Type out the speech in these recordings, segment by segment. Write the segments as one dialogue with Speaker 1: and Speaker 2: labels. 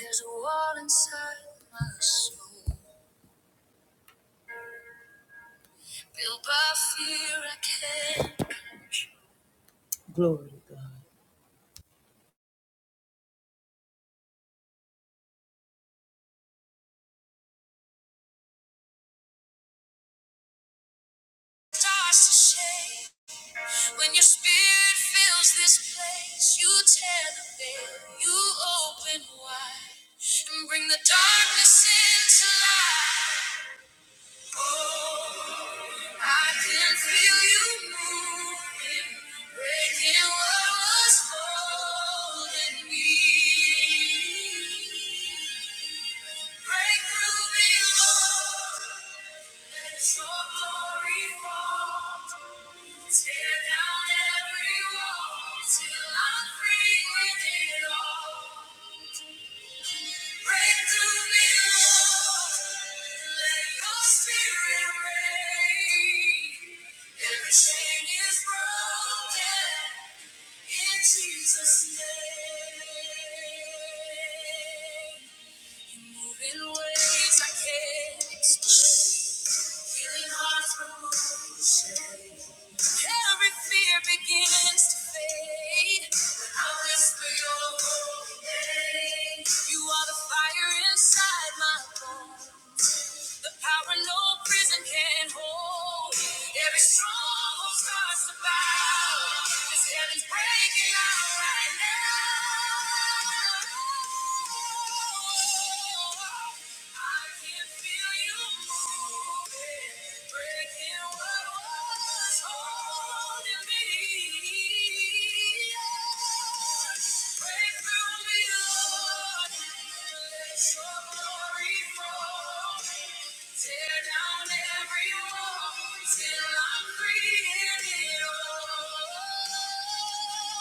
Speaker 1: There's a wall inside my soul, built by fear I can't crush. Glory to God. Starts to shake when your spirit fills this place. You tear the veil, you open wide, and bring the darkness into light. Oh. I can feel you moving, breaking what was holding me. Break through me, Lord, let your glory fall. Tear down every wall till I'm free with it all. Break through me, Lord. Let your spirit reign. Every chain is broken in Jesus' name. In ways I can't explain. Healing hearts from motion. Every fear begins to fade. When I whisper your name, you are the fire inside my bones. The power no prison can hold. Every stronghold starts to bow. This heaven's breaking out right now. Thank you. Tear down every wall till I'm free and it all.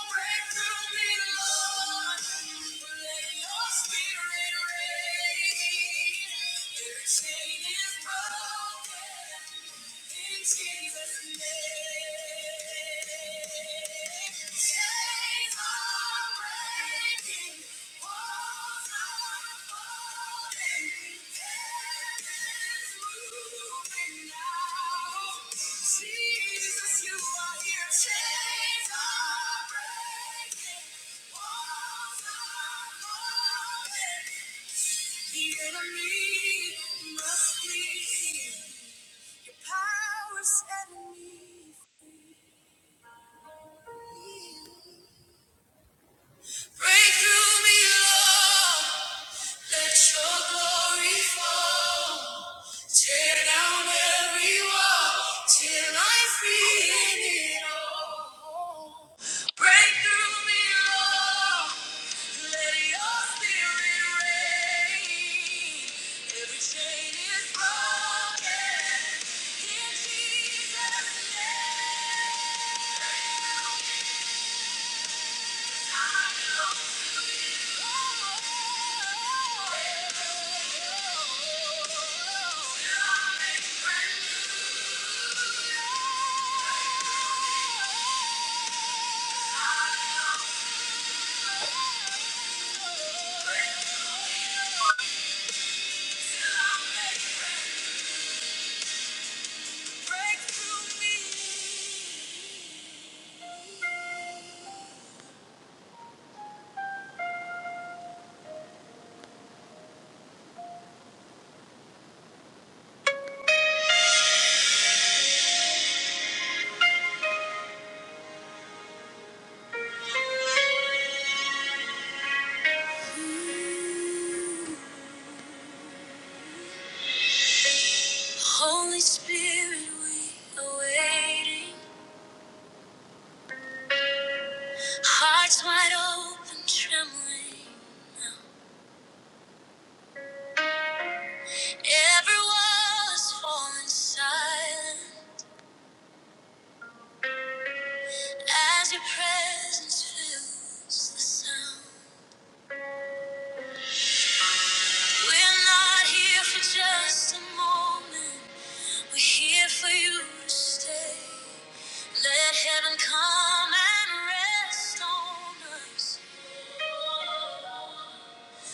Speaker 1: Break through me, Lord. Let your spirit reign. Every chain is broken. Jesus, you are here. Chains are breaking. Walls are falling. The enemy must flee. Power setting me free. Break through me, Lord. Let your glory fall. Tear down every wall till I feel it all. Break through me, Lord. Let your spirit reign. Every chain is broken in Jesus' name. I belong Break through me. Holy Spirit, we are waiting. Hearts wide open, trembling. Every wall is falling silent as your presence fills the sound. We're not here for just a moment. We're here for you to stay. Let heaven come and rest on us.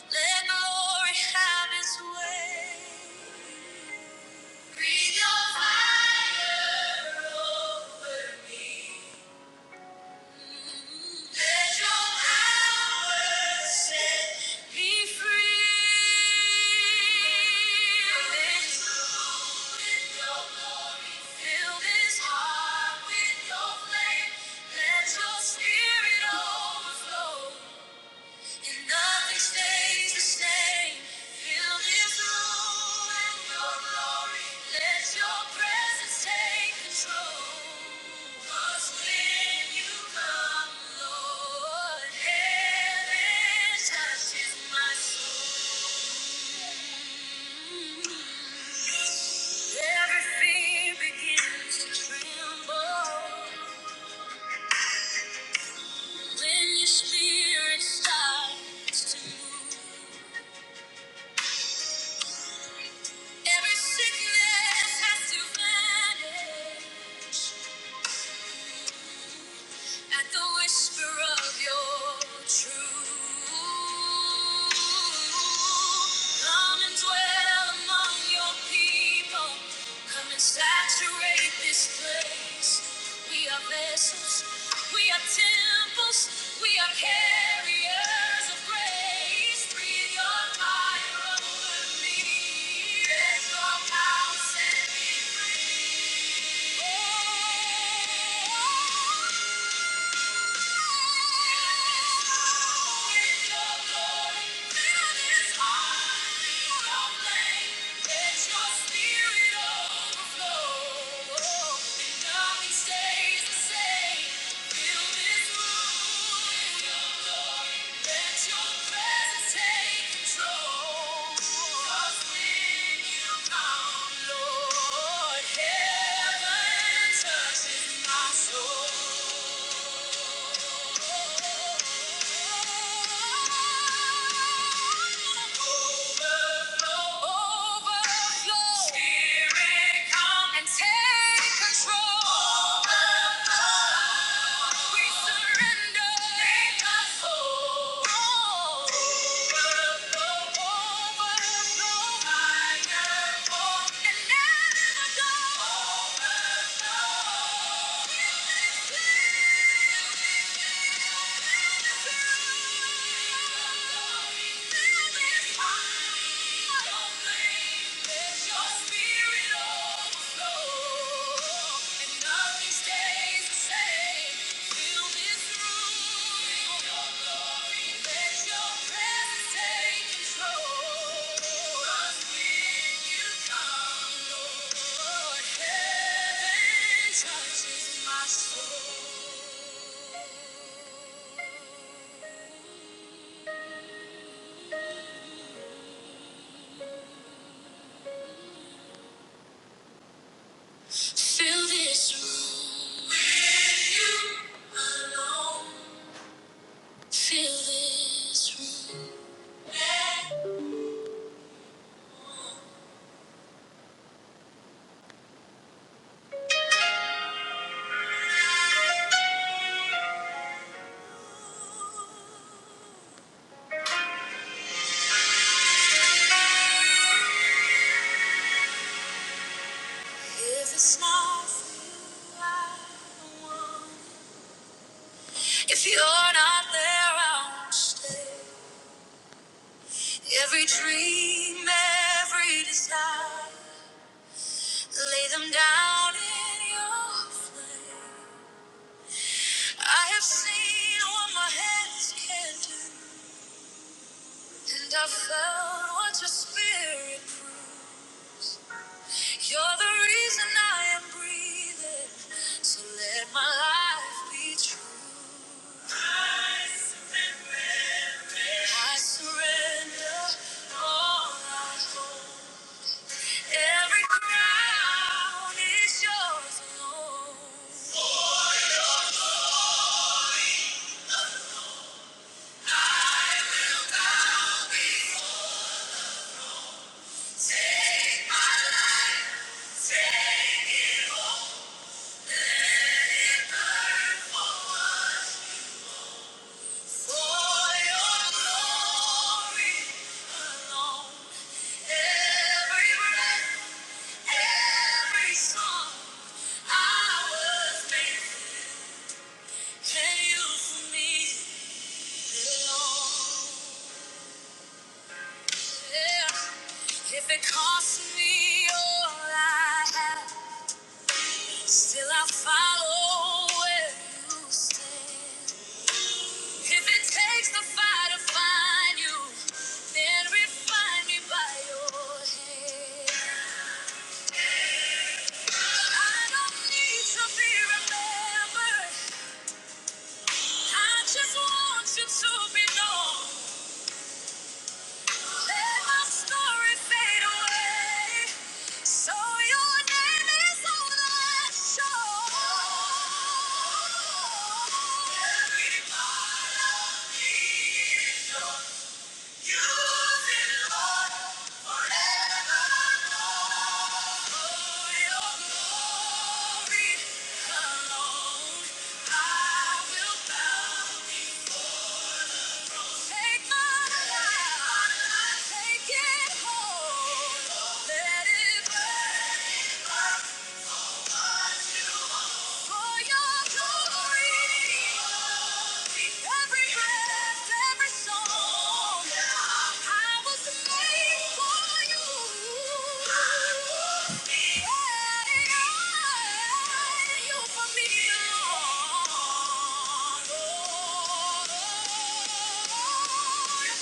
Speaker 1: Let glory have its way. Breathe your fire over me. Let your power set me free. Fill this room with your glory. Fill this heart with your flame. Let your spirit overflow nothing stays the same. Fill this room with your glory. Let your presence take control. 'Cause when you come, Lord, heaven touches my soul. Everything begins to tremble when your spirit starts to move. Every sickness has to vanish at the whisper of your truth. Come and dwell among your people. Come and saturate this place. We are vessels. We are temples. We are carriers of grace. Breathe your fire over me. Let your power set me free. Oh, let your presence take control. 'Cause when you Take control. We surrender your Spirit. Fill this room with you alone. Fill this room. If it's not you, I don't want. If you're not there, I won't stay. Every dream, every desire, lay them down in your flame. I have seen what my hands can do, and I've felt what your spirit proves. You're the reason I am breathing, so let my life be true. I surrender all I hold. Every crown is yours alone. I will bow before. Take my life, take it all. Let it burn for us. For your glory alone, every breath, every song I was made can you for me alone. Yeah. If it costs me all I have, still I follow where you stand. If it takes the fire to find you, then refine me by your hand. I don't need to be remembered. I just want you to be known. Let my story fade away. So your name is on the show. Every part of me. is yours. Take it home, let it burn.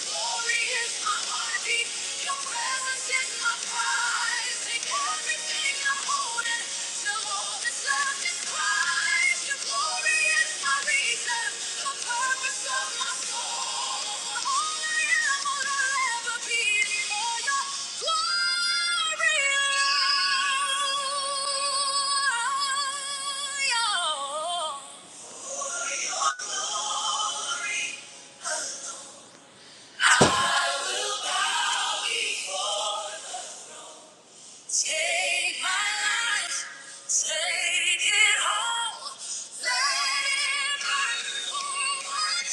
Speaker 1: Glory is mine. Glory, glory, Take my life, take it all. Let it burn my whole heart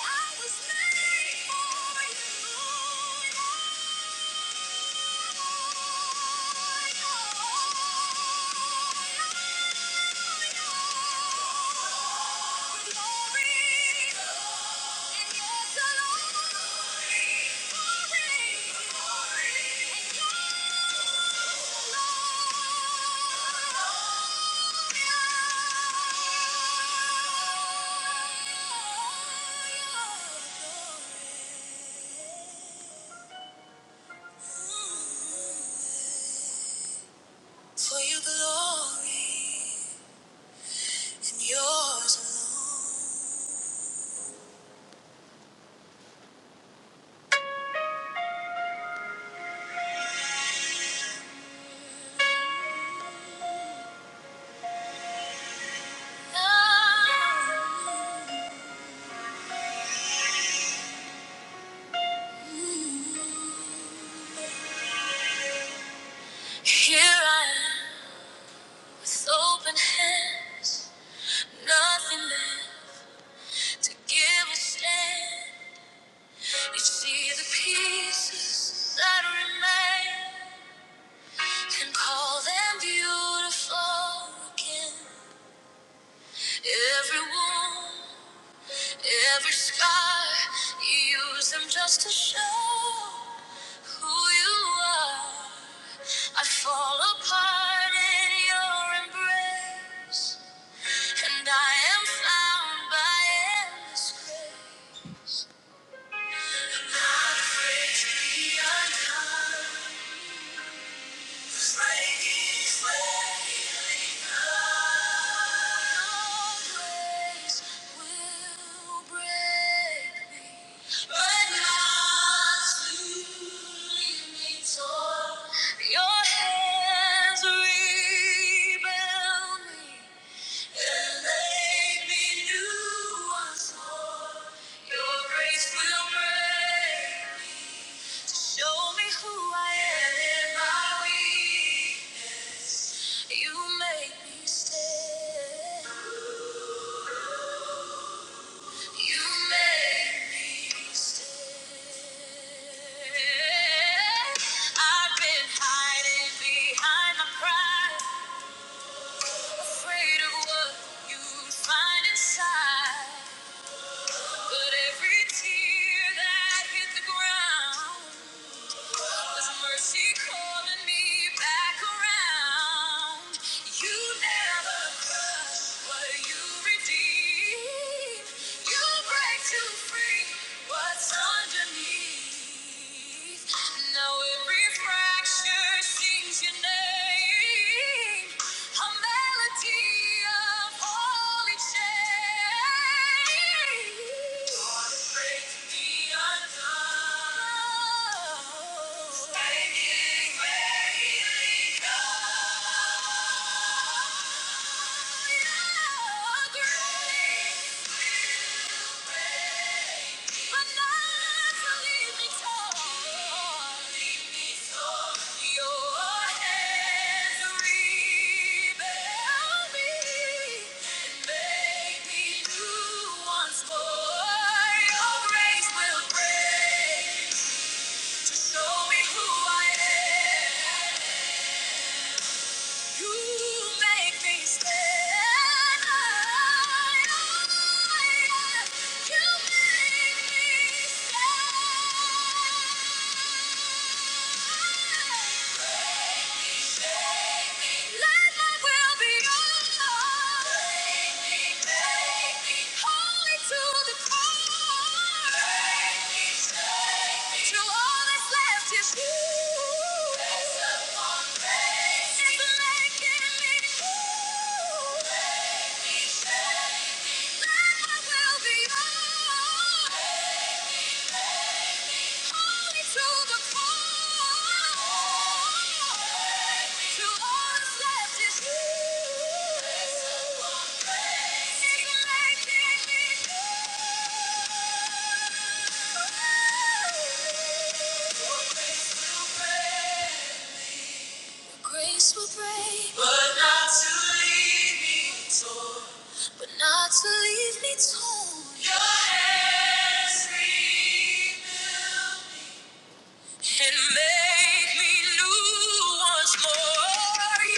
Speaker 1: I was made for you. For your glory and yours alone. Here I am with open hands, nothing left to give a stand. You see the pieces that remain and call them beautiful again. Every wound. Every scar you use them just to show who you are. I fall apart in your embrace, and I am found by endless grace. I'm Not afraid to be unkind. Your hands rebuild me. I've been hiding behind my pride, afraid of what you'd find inside. But every tear that hit the ground was mercy calling me back around. You never crush what you redeem. You break to free what's underneath. Now every fracture sings your name. Yeah. Show me who I am. You make me stand high. You make me stand. Let my will be yours. Holy to the core. Till all that's left is you. It's making me whole. Let my will be yours. Grace will break, but not to leave me torn. But not to leave me torn. Your hands rebuild. me and make me new once more.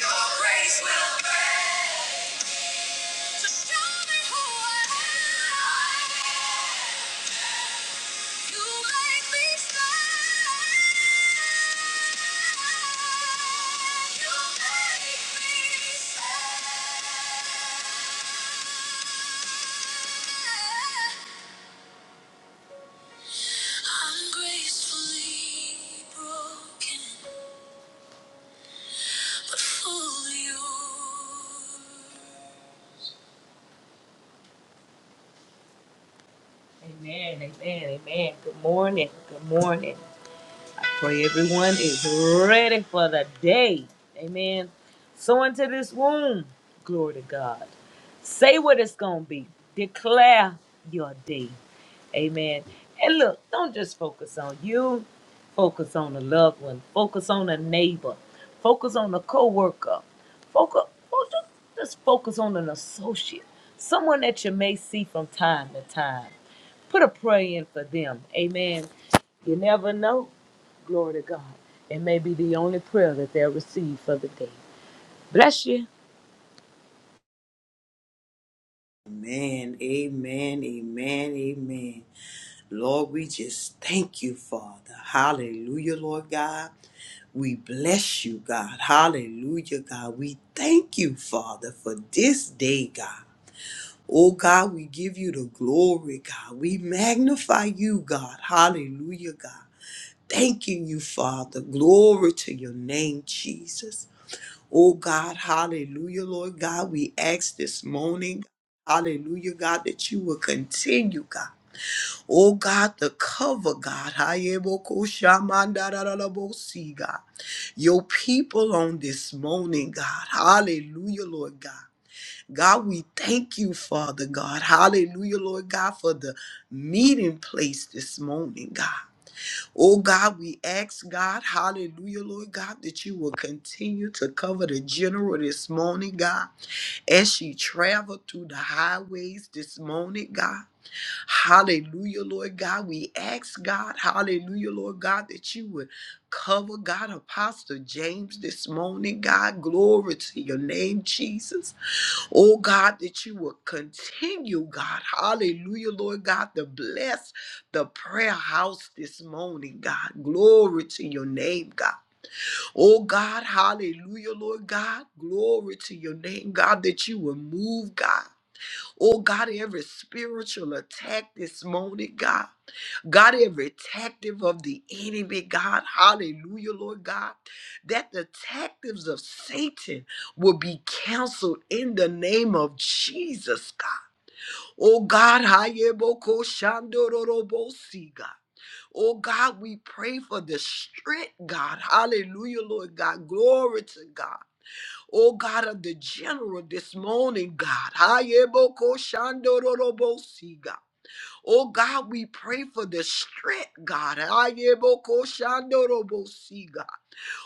Speaker 1: Your grace will reign to show me who I am. You make me stand. You make me stand. I'm gracefully broken. Amen, amen, amen. Good morning, good morning. Pray everyone is ready for the day. Amen. So into this womb, glory to God. Say what it's going to be. Declare your day. Amen. And look, don't just focus on you. Focus on a loved one. Focus on a neighbor. Focus on a coworker. Focus, focus just focus on an associate. Someone that you may see from time to time. Put a prayer in for them. Amen. You never know. Glory to God. It may be the only prayer that they'll receive for the day. Bless you.
Speaker 2: Amen, amen, amen, amen. Lord, we just thank you, Father. Hallelujah, Lord God. We bless you, God. Hallelujah, God. We thank you, Father, for this day, God. Oh, God, we give you the glory, God. We magnify you, God. Hallelujah, God. Thanking you, Father. Glory to your name, Jesus. Oh God, hallelujah, Lord God. We ask this morning, hallelujah, God, that you will continue, God. Oh God, the cover, God. Hayebokoshamandarararabosi, God. Your people on this morning, God. Hallelujah, Lord God. God, we thank you, Father God. Hallelujah, Lord God, for the meeting place this morning, God. Oh God, we ask God, hallelujah, Lord God, that you will continue to cover the general this morning, God, as she traveled through the highways this morning, God. Hallelujah, Lord God. We ask God, hallelujah, Lord God, that you would cover God, Apostle James this morning, God. Glory to your name, Jesus. Oh God, that you will continue, God. Hallelujah, Lord God, to bless the prayer house this morning, God. Glory to your name, God. Oh God, hallelujah, Lord God. Glory to your name, God, that you will move, God. Oh God, every spiritual attack this morning, God. God, every tactive of the enemy, God, hallelujah, Lord God, that the tactives of Satan will be canceled in the name of Jesus, God. Oh God, hayeboko shandororobosi, God. Oh God, we pray for the strength, God. Hallelujah, Lord God. Glory to God. Oh God of the general this morning, God. Hayeboko shandororobosi, God. Oh God, we pray for the strength, God. Ayebokoshandorobosi, God.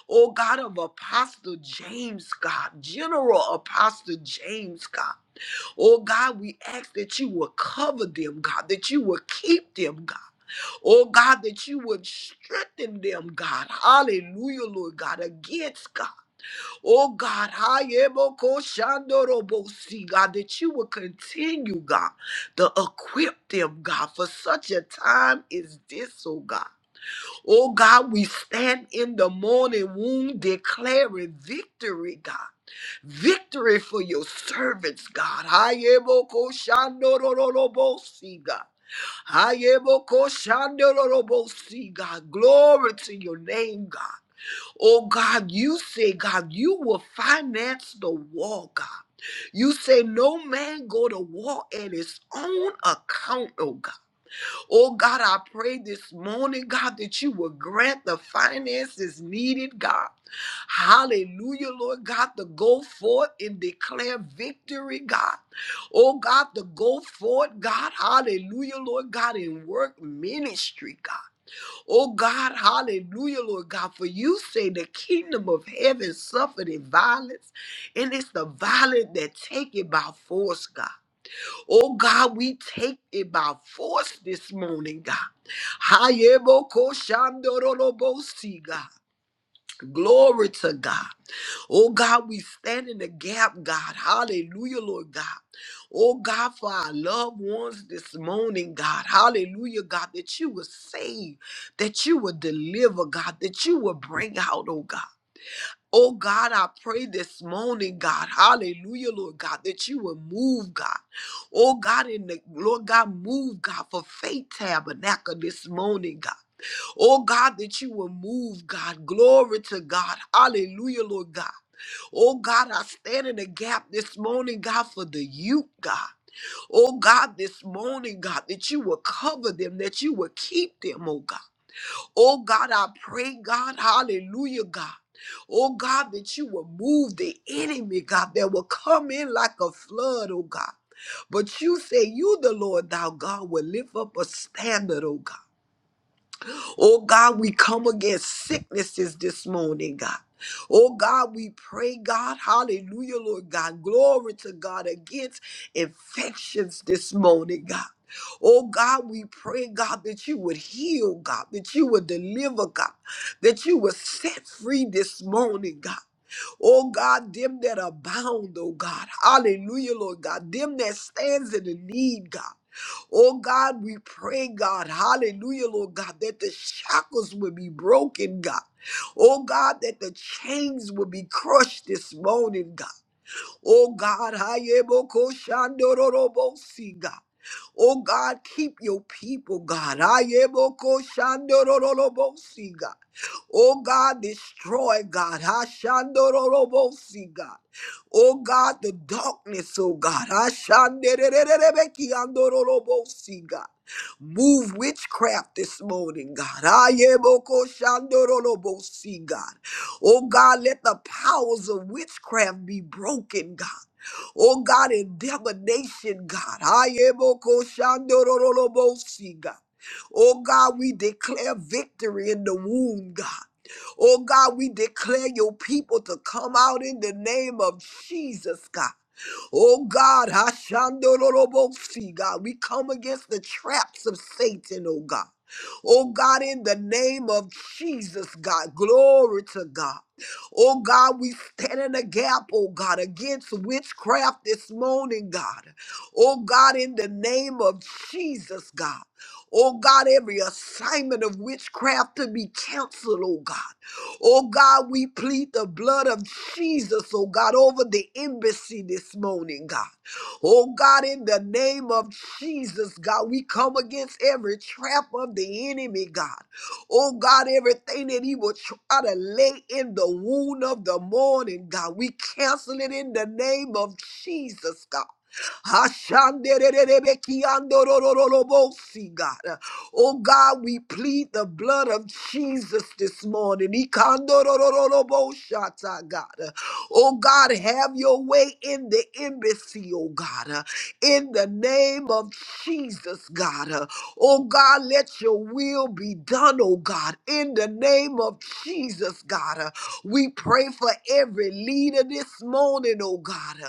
Speaker 2: Oh God of Apostle James, God. General Apostle James, God. Oh God, we ask that you will cover them, God, that you will keep them, God. Oh God, that you would strengthen them, God. Hallelujah, Lord God, against God. Oh God, Hayemoko Shandorobosi, God, that you will continue, God, to equip them, God, for such a time as this, oh God. Oh God, we stand in the morning womb declaring victory, God. Victory for your servants, God. Hayemoko Shandorobosi, God. Hayemoko Shandorobosi, God. Glory to your name, God. Oh God, you say, God, you will finance the war, God. You say no man go to war at his own account, oh God. Oh God, I pray this morning, God, that you will grant the finances needed, God. Hallelujah, Lord God, to go forth and declare victory, God. Oh God, to go forth, God. Hallelujah, Lord God, and work ministry, God. Oh God, hallelujah, Lord God, for you say the kingdom of heaven suffered in violence, and it's the violent that take it by force, God. Oh God, we take it by force this morning, God. Hayebokoshandorolobosi, God. Glory to God. Oh God, we stand in the gap, God. Hallelujah, Lord God. Oh God, for our loved ones this morning, God. Hallelujah, God, that you will save, that you will deliver, God, that you will bring out, oh God. Oh God, I pray this morning, God, hallelujah, Lord God, that you will move, God. Oh God, in the Lord God, move, God, for faith tabernacle this morning, God. Oh God, that you will move, God. Glory to God. Hallelujah, Lord God. Oh God, I stand in the gap this morning, God, for the youth, God. Oh God, this morning, God, that you will cover them, that you will keep them, oh God. Oh God, I pray, God, hallelujah, God. Oh God, that you will move the enemy, God, that will come in like a flood, oh God. But you say, You, the Lord, thou God, will lift up a standard, oh God. Oh God, we come against sicknesses this morning, God. Oh God, we pray, God, hallelujah, Lord God, glory to God against infections this morning, God. Oh God, we pray, God, that you would heal, God, that you would deliver, God, that you would set free this morning, God. Oh God, them that abound, oh God. Hallelujah, Lord God. Them that stands in the need, God. Oh God, we pray, God, hallelujah, Lord God, that the shackles will be broken, God. Oh God, that the chains will be crushed this morning, God. Oh God, Hayeboko Shandororobosi, God. Oh God, keep your people, God. Hayeboko Shandororobosi, God. Oh God, destroy, God. Hashandororobosi, God. Oh God, the darkness, oh God. Hashandererebeki andororobosi, God. Move witchcraft this morning, God. Ayeboko shandorolobosi, God. Oh God, let the powers of witchcraft be broken, God. Oh God, in divination, God. Ayebokoshandorolobosi, God. Oh God, we declare victory in the womb, God. Oh God, we declare your people to come out in the name of Jesus, God. Oh God, Hashandorolobosi, God, we come against the traps of Satan, oh God. Oh God, in the name of Jesus, God, glory to God. Oh God, we stand in the gap, oh God, against witchcraft this morning, God. Oh God, in the name of Jesus, God. Oh God, every assignment of witchcraft to be canceled, oh God. Oh God, we plead the blood of Jesus, oh God, over the embassy this morning, God. Oh God, in the name of Jesus, God, we come against every trap of the enemy, God. Oh God, everything that he will try to lay in the wound of the morning, God, we cancel it in the name of Jesus, God. Ashanderererebekiandorororobosi, God. Oh God, we plead the blood of Jesus this morning. Ikandorororoboshata, God. Oh God, have your way in the embassy, oh God. In the name of Jesus, God. Oh God, let your will be done, oh God. In the name of Jesus, God. We pray for every leader this morning, oh God.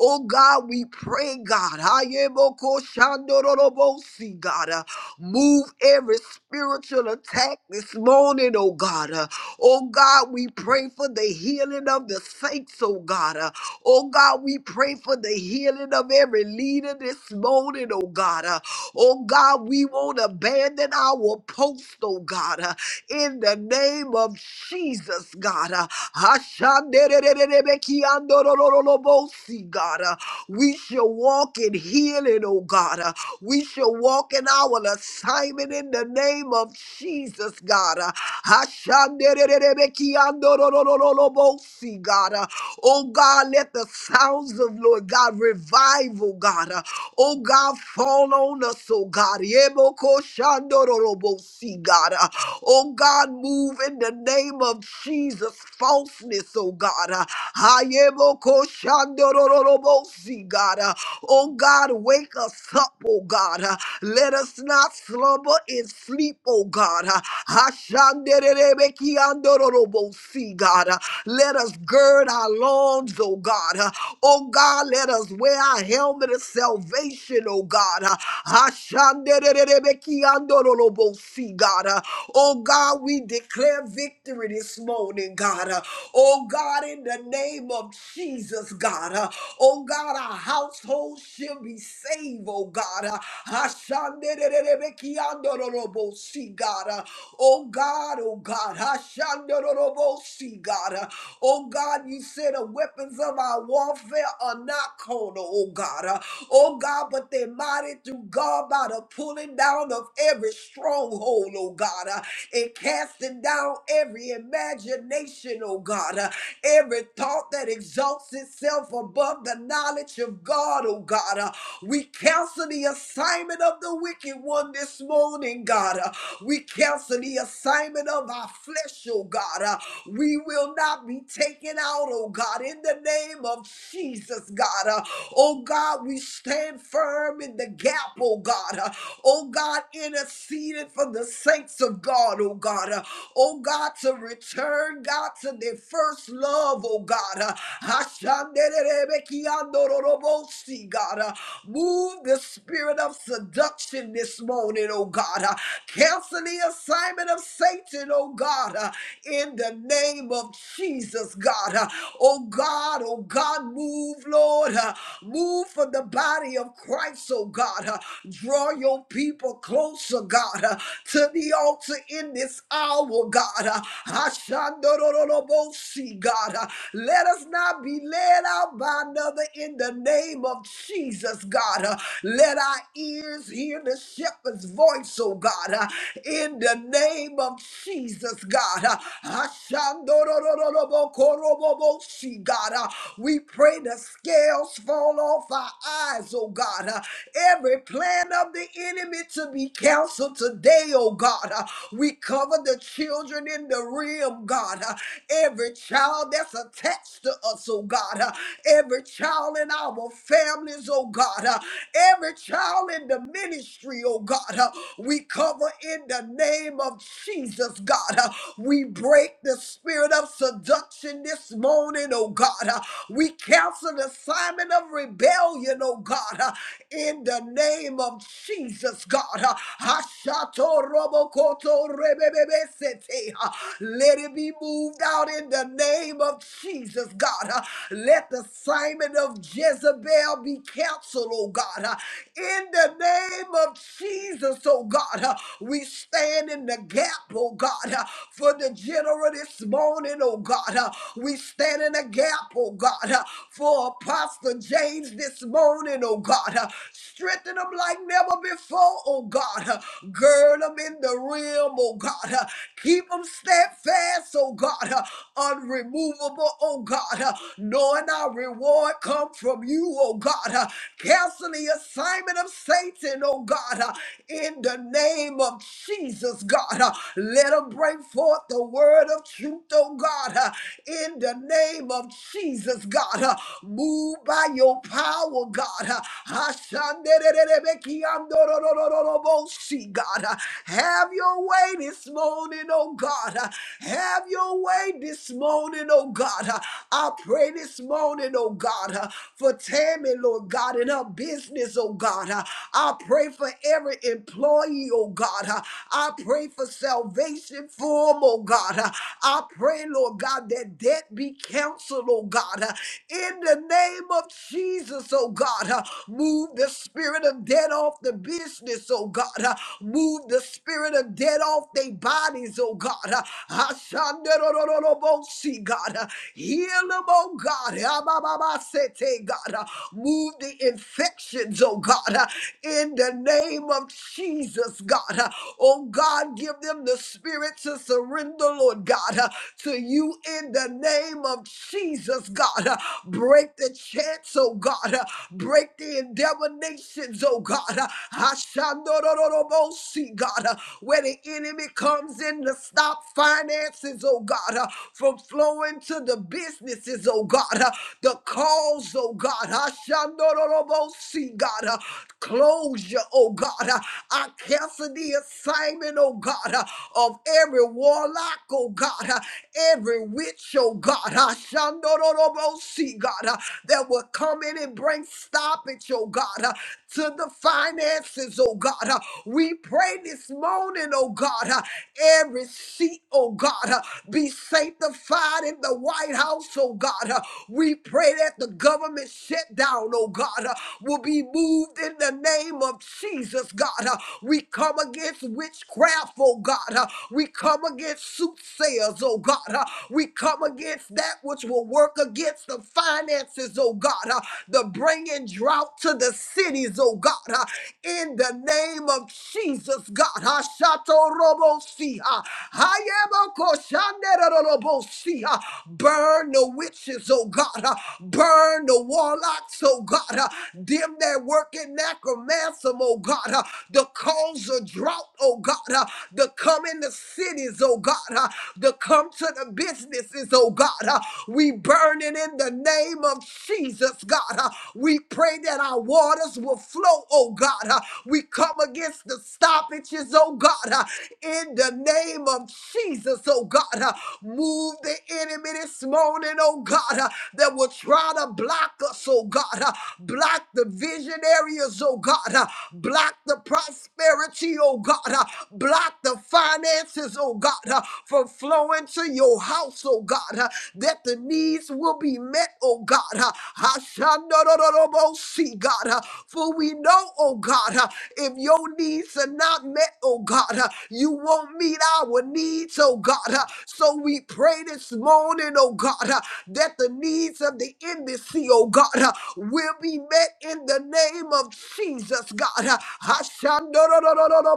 Speaker 2: Oh God, we pray, God. Hayeboko shandororobosi, God. Uh, Move every spiritual attack this morning, oh God. Uh, Oh God, we pray for the healing of the saints, oh God. Uh, Oh God, we pray for the healing of every leader this morning, oh God. Uh, Oh God, we won't abandon our post, oh God. Uh, in the name of Jesus, God. Uh, Ashanderererebekiandorororobosi, God. Uh, We shall walk in healing, oh God. Uh, We shall walk in our assignment in the name of Jesus, God. Uh, Ashanderererebekiandorororobosi, God. Uh, Oh God, let the sounds of Lord God revival, God. Uh, Oh God, fall on us, oh God. Yeboko shandororobo, See God. Uh, Oh God, move in the name of Jesus. Falseness, oh God. Uh, Hayeboko shandororobo, See God. Oh God, wake us up, oh God. Uh, Let us not slumber and sleep, oh God. Uh, Ashandererebekiandororobosi, God. Uh, Let us gird our loins, oh God. Uh, Oh God, let us wear our helmet of salvation, oh God. Uh, Ashandererebekiandororobosi, God. Uh, Oh God, we declare victory this morning, God. Oh God, in the name of Jesus, God. Uh, oh God, our household shall be saved, oh God. Uh, Hashandererebekiandororobosi, God. Uh, oh God, oh God. Hashandororobosi, God. Oh God, you said the weapons of our warfare are not carnal, oh God. Uh, Oh God, but they're mighty through God by the pulling down of every stronghold, oh God, uh, and casting down every imagination, oh God, uh, every thought that exalts itself above the knowledge of God, oh God. uh, We cancel the assignment of the wicked one this morning, God. Uh, we cancel the assignment of our flesh, oh God. Uh, we will not be taken out, oh God, in the name of Jesus, God. Uh, oh God, we stand firm in the gap, oh God. Uh, oh God, interceding for the saints of God, oh God. Uh, oh God, to return, God, to their first love, oh God. Uh, Hashanderebekiandororobosi, God. Uh, Move the spirit of seduction this morning, oh God. Uh, Cancel the assignment of Satan, oh God, uh, in the name of Jesus, God. Uh, Oh God, oh God, move, Lord. Uh, Move for the body of Christ, oh God. Uh, Draw your people closer, God, uh, to the altar in this hour, God. Uh, Hashandorolobosi, God. God. Uh, Let us not be led out by another in the name of Jesus, God. Uh, Let our ears hear the shepherd's voice, oh God, uh, in the name of Jesus, God. Uh, Ashandorororobokoroboboshi, God. Uh, We pray the scales fall off our eyes, oh God. Uh, Every plan of the enemy to be canceled today, oh God. Uh, We cover the children in the realm, God. Uh, Every child that's attached to us, oh God. Uh, Every child in our families, oh God. Uh, Every child in the ministry, oh God. Uh, We cover in the name of Jesus, God. Uh, We break the spirit of seduction this morning, oh God. Uh, We cancel the assignment of rebellion, oh God. Uh, in the name of Jesus, God. Uh, Hashato robokoto rebebebesete. Uh, Let it be moved out in the name of Jesus, God. Uh, Let the Simon of Jezebel be canceled, oh God. Uh, In the name of Jesus, oh God, Uh, we stand in the gap, oh God, uh, for the general this morning, oh God. Uh, We stand in the gap, oh God, uh, for Apostle James this morning morning, oh God. Uh, Strengthen them like never before, oh God. Uh, Gird them in the realm, oh God. Uh, Keep them steadfast, oh God. Uh, Unremovable, oh God. Uh, Knowing our reward come from you, oh God. Uh, Cancel the assignment of Satan, oh God. Uh, In the name of Jesus, God. Uh, Let them bring forth the word of truth, oh God. Uh, in the name of Jesus, God. Uh, Move by your power, God. Uh, Ashanderererebekiandororororobosi, God. Uh, Have your way this morning, oh God. Uh, Have your way this morning, oh God. Uh, I pray this morning, oh God, uh, for Tammy, Lord God, and her business, oh God. Uh, I pray for every employee, oh God. Uh, I pray for salvation for them, oh God. Uh, I pray, Lord God, that debt be canceled, oh God. Uh, In the name name of Jesus, oh God. Uh, Move the spirit of debt off the business, oh God. Uh, Move the spirit of debt off their bodies, oh God. Uh, Ashanderorororobosi, God. Uh, Heal them, oh God. Abababasete, God. Uh, Move the infections, oh God. Uh, In the name of Jesus, God. Uh, Oh God, give them the spirit to surrender, Lord God, uh, to you in the name of Jesus, God. Uh, Break the chance, oh God. Uh, Break the endeavor nations, oh God. Uh, Hashandorororobosi, God. Uh, Where the enemy comes in to stop finances, oh God, uh, from flowing to the businesses, oh God. Uh, The calls, oh God. Hashandorororobosi, God. Uh, Closure, oh God. Uh, I cancel the assignment, oh God, uh, of every warlock, oh God. uh, Every witch, oh God see, God, uh, that will come in and bring stoppage, oh God, uh, to the finances, oh God. uh. We pray this morning, oh God, uh, every seat, oh God, uh, be sanctified in the White House, oh God. uh. We pray that the government shutdown, oh God, uh, will be moved in the name of Jesus, God. uh. We come against witchcraft, oh God. uh. We come against soothsayers, oh God. uh. We come against that that which will work against the finances, oh God, uh, the bringing drought to the cities, oh God, uh, in the name of Jesus, God. Hashatorobosi, uh, Hayabakoshanerorobosi, uh, Burn the witches, oh God, uh, burn the warlocks, oh God, uh, them that work in necromancy, oh God, uh, the cause of drought, oh God, uh, the come in the cities, oh God, uh, the come to the business witnesses, oh God. Uh, we burn it in the name of Jesus, God. Uh, we pray that our waters will flow, oh God. Uh, we come against the stoppages, oh God, uh, in the name of Jesus, oh God. Uh, move the enemy this morning, oh God, uh, that will try to block us, oh God. Uh, block the vision areas, oh God. Uh, block the prosperity, oh God. Uh, block the finances, oh God, uh, from flowing to your house, oh God, uh, that the needs will be met, oh God. uh, hashanah ro ro God, uh, for we know, oh God, uh, if your needs are not met, oh God, uh, you won't meet our needs, oh God. uh, So we pray this morning, oh God, uh, that the needs of the embassy, oh God, uh, will be met in the name of Jesus, God. uh, hashanah ro ro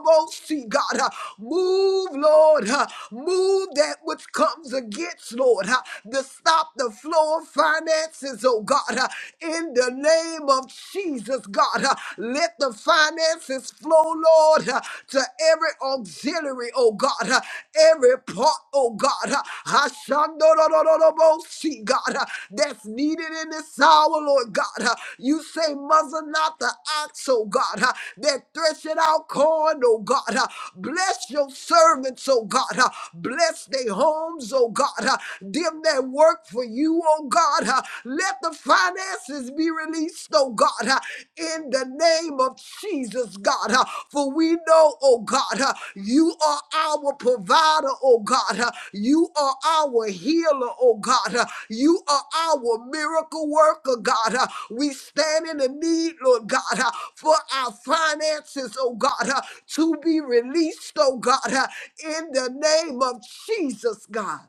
Speaker 2: God, uh, move, Lord, uh, move remove that which comes against, Lord, huh, to stop the flow of finances, oh God, huh, in the name of Jesus, God. huh. Let the finances flow, Lord, huh, to every auxiliary, oh God, huh, every part, oh God, huh, Hashandorororobosi, God, huh, that's needed in this hour, Lord God. huh. You say, muzzle not the ox, oh God, huh, that threshing out corn, oh God. huh. Bless your servants, oh God. God. Uh, Bless their homes, oh God. Uh, Them that work for you, oh God. Uh, Let the finances be released, oh God, uh, in the name of Jesus, God. Uh, For we know, oh God, uh, you are our provider, oh God. Uh, You are our healer, oh God. Uh, You are our miracle worker, God. Uh, We stand in the need, Lord God, uh, for our finances, oh God, uh, to be released, oh God. uh, in the name of Jesus, God.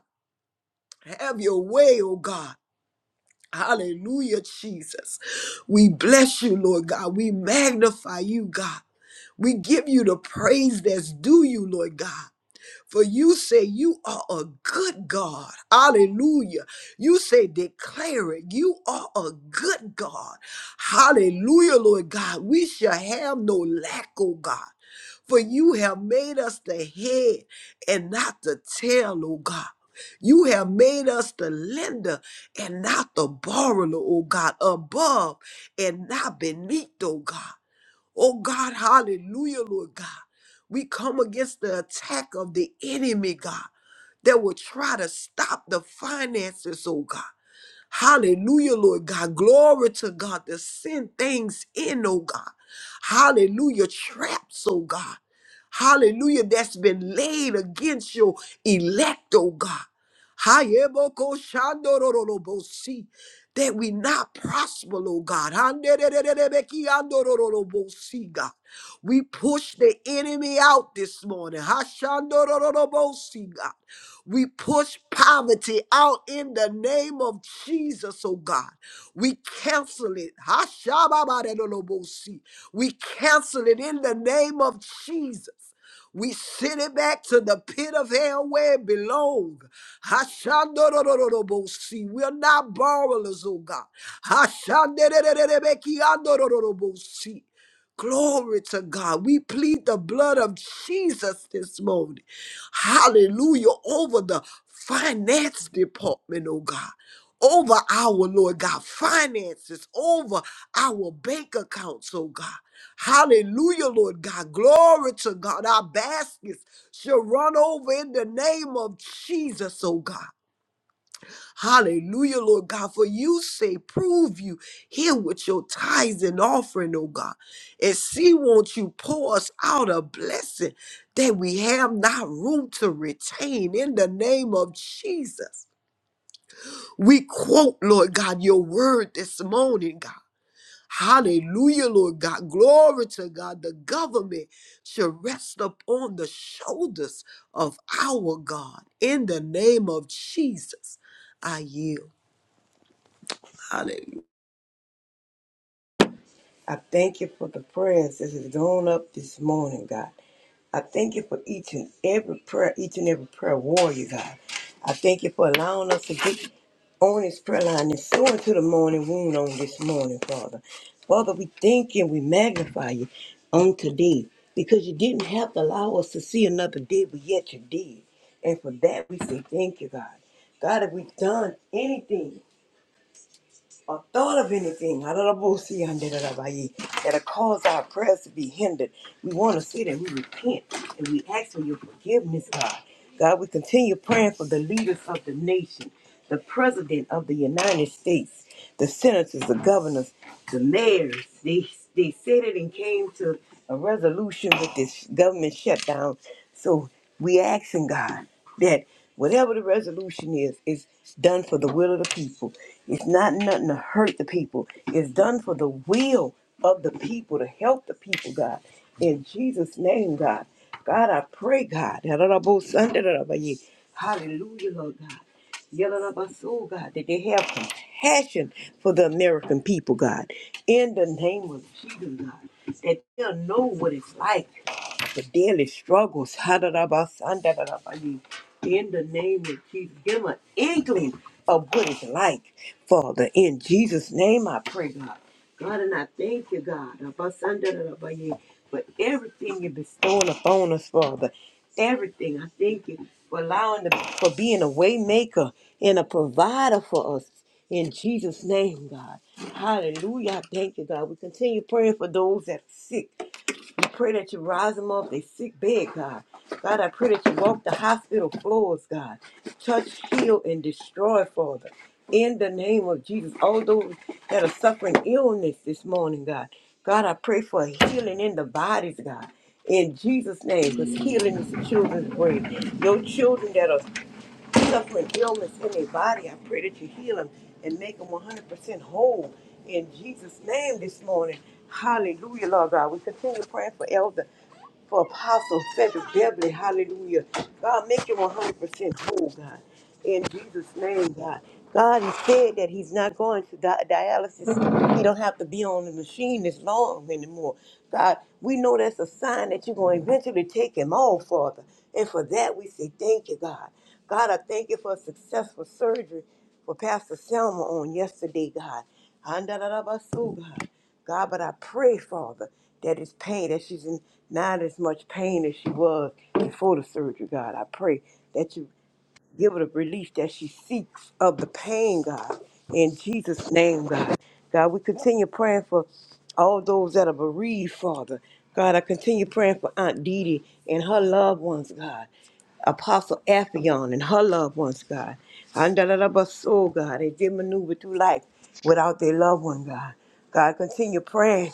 Speaker 2: Have your way, oh God. Hallelujah, Jesus. We bless you, Lord God. We magnify you, God. We give you the praise that's due you, Lord God. For you say you are a good God. Hallelujah. You say declare it. You are a good God. Hallelujah, Lord God. We shall have no lack, oh God. For you have made us the head and not the tail, oh God. You have made us the lender and not the borrower, oh God, above and not beneath, oh God. Oh God, hallelujah, Lord God. We come against the attack of the enemy, God, that will try to stop the finances, oh God. Hallelujah, Lord God. Glory to God to send things in, oh God. Hallelujah, traps, oh God. Hallelujah, that's been laid against your elect, oh God. Hayeboko shandorolobosi that we not prosper, oh God. Handerererebekiandorororobosi, God. We push the enemy out this morning. Hashandorororobosi, God. We push poverty out in the name of Jesus, oh God. We cancel it. Hashababarerolobosi. We cancel it in the name of Jesus. We send it back to the pit of hell where it belongs. Hashandorororobosi. We're not borrowers, oh God. Hashanderererebekiandorororobosi. Glory to God. We plead the blood of Jesus this morning. Hallelujah. Over the finance department, oh God. Over our Lord God finances, over our bank accounts, oh God. Hallelujah, Lord God. Glory to God. Our baskets shall run over in the name of Jesus, oh God. Hallelujah, Lord God. For you say, prove you here with your tithes and offering, oh God. And see, won't you pour us out a blessing that we have not room to retain in the name of Jesus. We quote, Lord God, your word this morning, God. Hallelujah, Lord God. Glory to God. The government should rest upon the shoulders of our God. In the name of Jesus, I yield. Hallelujah.
Speaker 3: I thank you for the prayers that has gone up this morning, God. I thank you for each and every prayer, each and every prayer warrior, God. I thank you for allowing us to get on this prayer line and soar into the morning wound on this morning, Father. Father, we thank you and we magnify you on today because you didn't have to allow us to see another day, but yet you did. And for that, we say thank you, God. God, if we've done anything or thought of anything that'll cause our prayers to be hindered. We want to see that we repent and we ask for your forgiveness, God. God, we continue praying for the leaders of the nation, the president of the United States, the senators, the governors, the mayors. They they said it and came to a resolution with this government shutdown. So we asking God that whatever the resolution is, is done for the will of the people. It's not nothing to hurt the people. It's done for the will of the people to help the people, God. In Jesus' name, God. God, I pray, God. Hallelujah, Lord God. Yelling up our soul, God, that they have compassion for the American people, God. In the name of Jesus, God, that they'll know what it's like the daily struggles. Ha-da-da-ba-san-da-da-da-ba-dee. In the name of Jesus, give an inkling of what it's like, Father. In Jesus' name, I pray, God. God, and I thank you, God, Ha-ba-san-da-da-da-ba-dee, for everything you're bestowing upon us, Father. Everything. I thank you for allowing the, for being a way maker and a provider for us. In Jesus' name, God. Hallelujah. I Thank you, God. We continue praying for those that are sick I pray that you rise them up, they sick bed, God. God, I pray that you walk the hospital floors, God. Touch, heal, and destroy, Father. In the name of Jesus, all those that are suffering illness this morning, God. God, I pray for healing in the bodies, God. In Jesus' name, because healing is the children's bread. Your children that are suffering illness in their body. I pray that you heal them and make them 100% whole in Jesus' name this morning. Hallelujah, Lord God. We continue praying for Elder for Apostle Frederick Beverly. Hallelujah. God, make him 100% whole, God. In Jesus' name, God. God, he said that he's not going to di- dialysis. He don't have to be on the machine as long anymore. God, we know that's a sign that you're going to eventually take him off, Father. And for that, we say thank you, God. God, I thank you for a successful surgery for Pastor Selma on yesterday, God. Andalabasu, God. God, but I pray, Father, that it's pain, that she's in not as much pain as she was before the surgery, God. I pray that you Give her the relief that she seeks of the pain, God. In Jesus' name, God. God, we continue praying for all those that are bereaved, Father. God, I continue praying for Aunt Dee Dee and her loved ones, God. Apostle Appion and her loved ones, God. Andalabaso, God. They did maneuver through life without their loved one, God. God, continue praying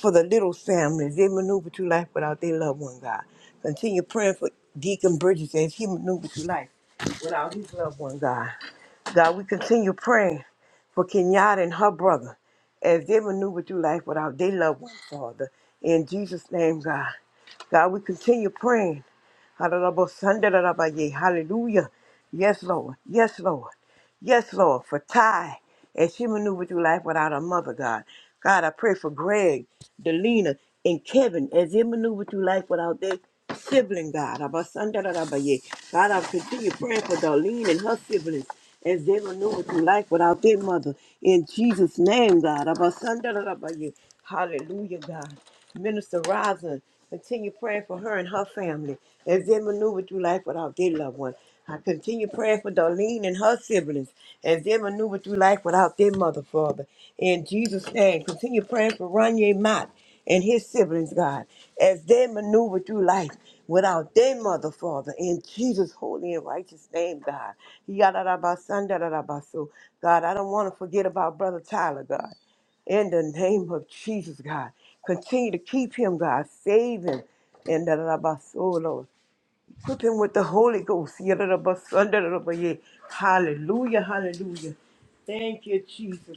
Speaker 3: for the little families. They maneuver through life without their loved one, God. Continue praying for Deacon Bridges as he maneuvers through life without his loved one, God. God, we continue praying for Kenyatta and her brother as they maneuver through life without their loved one, Father. In Jesus' name, God. God, we continue praying. Hallelujah. Hallelujah. Yes, Lord. Yes, Lord. Yes, Lord, for Ty as she maneuvered through life without her mother, God. God, I pray for Greg, Delina, and Kevin as they maneuver through life without their sibling, God. Abasandarabaye. God, I continue praying for Darlene and her siblings as they maneuver through life without their mother. In Jesus' name, God. Abasandarabaye. Hallelujah, God. Minister Rosin, continue praying for her and her family as they maneuver through life without their loved one. I continue praying for Darlene and her siblings as they maneuver through life without their mother, Father. In Jesus' name, continue praying for Ronye Mott and his siblings, God, as they maneuver through life without their mother, Father. In Jesus' holy and righteous name, God. Yadadabasandaradabas. God, I don't want to forget about Brother Tyler, God. In the name of Jesus, God. Continue to keep him, God. Save him. And Equip him with the Holy Ghost. yeah. Hallelujah, hallelujah. Thank you, Jesus.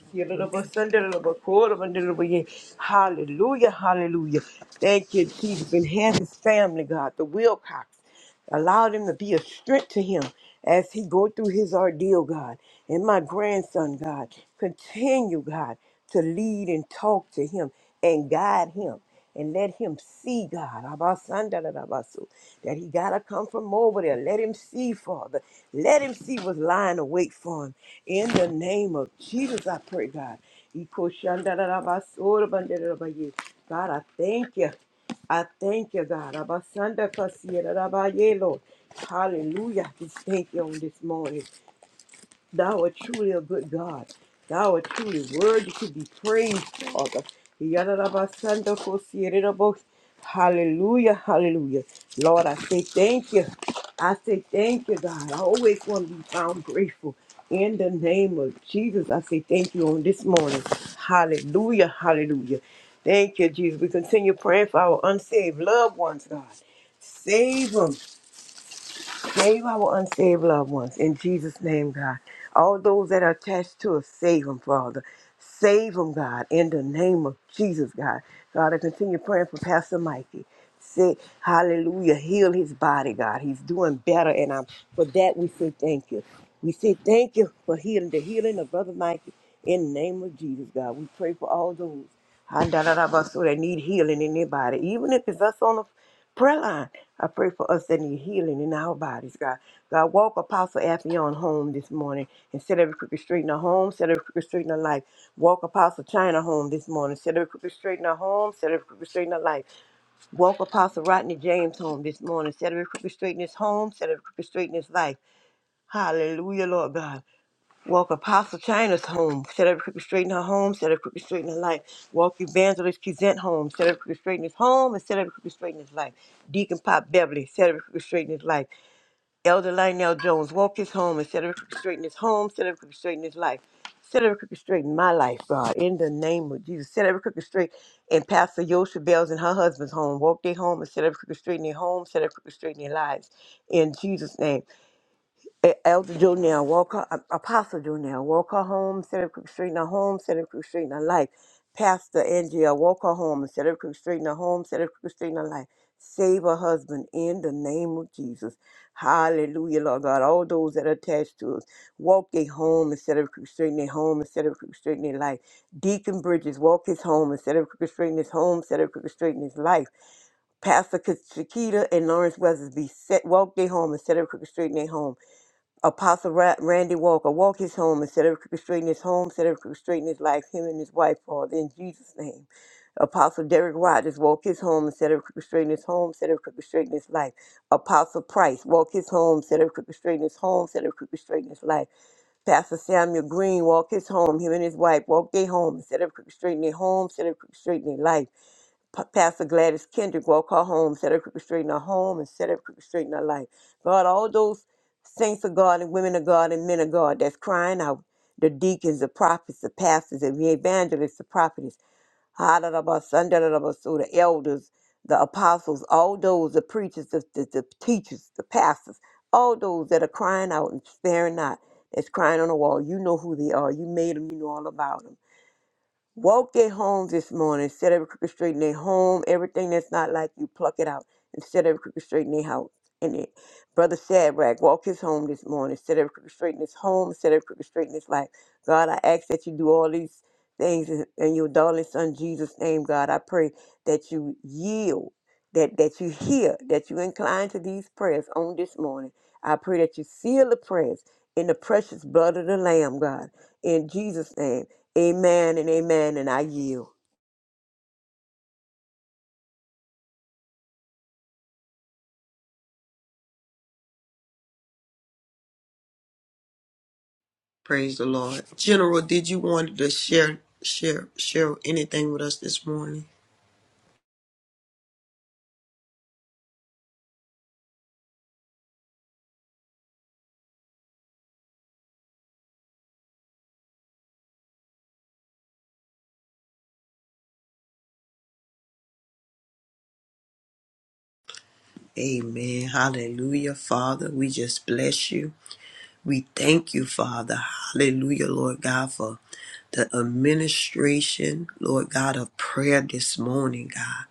Speaker 3: yeah. Hallelujah, hallelujah. Thank you, Jesus. Enhance his family, God, the Wilcox. Allow them to be a strength to him as he go through his ordeal, God. And my grandson, God, continue, God, to lead and talk to him and guide him and let him see, God, Abasandarabasu, that he got to come from over there. Let him see, Father. Let him see what's lying await for him. In the name of Jesus, I pray, God. Ikoshandarabasurabandarabaya. God, I thank you. I thank you, God. Abasandakasiyararabaye, Lord. Hallelujah. Just thank you on this morning. Thou art truly a good God. Thou art truly worthy to be praised, Father. Hallelujah, hallelujah. Lord, I say thank you. I say thank you, God. I always want to be found grateful. In the name of Jesus, I say thank you on this morning. Hallelujah, hallelujah. Thank you, Jesus. We continue praying for our unsaved loved ones, God. Save them. Save our unsaved loved ones in Jesus' name, God. All those that are attached to us, save them, Father. Save them, God, in the name of Jesus, God. God, I continue praying for Pastor Mikey. Say, hallelujah, heal his body, God. He's doing better, and I'm, for that we say thank you. We say thank you for healing, the healing of Brother Mikey in the name of Jesus, God. We pray for all those. ha da da da, ba, So they need healing in their body, even if it's us on the prayer line. I pray for us that need healing in our bodies, God. God, walk Apostle Affion home this morning and set every crooked straight in her home, set every crooked straight in her life. Walk Apostle China home this morning, set every crooked straight in her home, set every crooked straight in her life. Walk Apostle Rodney James home this morning, set every crooked straight in his home, set every crooked straight in his life. Hallelujah, Lord God. Walk Apostle China's home, set up crooked straight in her home, set up crooked straight in her life. Walk Evangelist Kizent home, set up crooked straight in his home, and set up crooked straight in his life. Deacon Pop Beverly, set up crooked straight in his life. Elder Lionel Jones, walk his home, and set up crooked straight in his home, set up crooked straight in his life. Set every crooked straight in my life, God, in the name of Jesus. Set every crooked straight in Pastor Yosha Bell's and her husband's home. Walk their home and set every crooked straight in their home, set every crooked straight in their lives. In Jesus' name. E- Elder Jonell Walker, A- Apostle Jonell Walker Home, Center Creek Street, a home, Center Creek Street, a life. Pastor Andrea Walker Home, Center Creek Street, a home, Center Creek Street, a life. Save her husband in the name of Jesus. Hallelujah, Lord God. All those that are attached to us, walk their home instead of Creek Street, in their home instead of Creek Street, in their life. Deacon Bridges, walk his home instead of Creek Street, in his home instead of Creek Street, in his life. Pastor Shakita and Lawrence Weathersby, set, walk their home instead of Creek Street, in their home. Apostle Ra- Randy Walker, walk his home instead of straighten his home, set of straighten his life, him and his wife, Father, in Jesus' name. Apostle Derek Rogers, walk his home instead of straighten his home, set of straighten his life. Apostle Price, walk his home instead of straighten his home, set of straighten his life. Pastor Samuel Green, walk his home, him and his wife, walk their home instead of straighten their home, set of straighten their life. Pa- Pastor Gladys Kendrick walk her home, set her crooked straight in her home, and set her crooked straight in her life. God, all those saints of God and women of God and men of God that's crying out, the deacons, the prophets, the pastors, the evangelists, the prophets, ha da da ba sun da da da ba so the elders, the apostles, all those, the preachers, the, the, the teachers, the pastors, all those that are crying out and sparing not, that's crying on the wall. You know who they are. You made them. You know all about them. Woke their homes this morning. Set every crooked straight in their home. Everything that's not like you, pluck it out. And set every crooked straight in their house. In it. Brother Shadrach walked his home this morning. Set every crooked straight in his home. Set every crooked straight in his life. God, I ask that you do all these things in, in your darling son Jesus' name, God. I pray that you yield, that, that you hear, that you incline to these prayers on this morning. I pray that you seal the prayers in the precious blood of the Lamb, God. In Jesus' name. Amen and amen, and I yield.
Speaker 2: Praise the Lord. General, did you want to share, share, share anything with us this morning? Amen. Hallelujah, Father. We just bless you. We thank you, Father. Hallelujah, Lord God, for the administration, Lord God, of prayer this morning, God.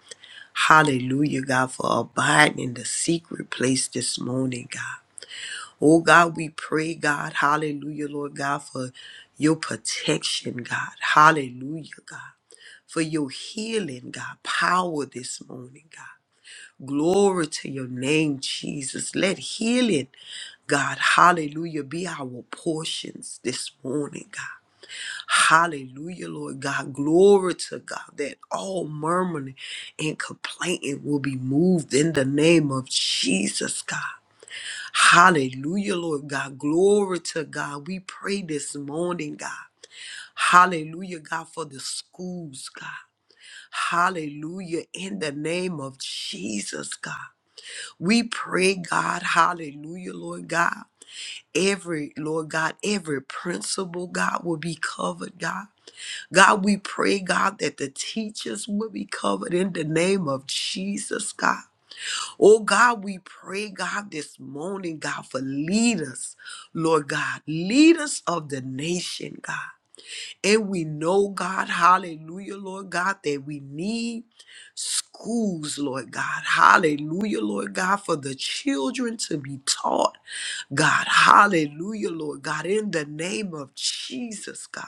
Speaker 2: Hallelujah, God, for abiding in the secret place this morning, God. Oh, God, we pray, God. Hallelujah, Lord God, for your protection, God. Hallelujah, God. For your healing, God. Power this morning, God. Glory to your name, Jesus. Let healing, God, hallelujah, be our portions this morning, God. Hallelujah, Lord God. Glory to God that all murmuring and complaining will be moved in the name of Jesus, God. Hallelujah, Lord God. Glory to God. We pray this morning, God. Hallelujah, God, for the schools, God. Hallelujah, in the name of Jesus, God. We pray, God, hallelujah, Lord God. Every, Lord God, every principle, God, will be covered, God. God, we pray, God, that the teachers will be covered in the name of Jesus, God. Oh, God, we pray, God, this morning, God, for leaders, Lord God, leaders of the nation, God. And we know, God, hallelujah, Lord God, that we need schools, Lord God, hallelujah, Lord God, for the children to be taught, God, hallelujah, Lord God, in the name of Jesus, God.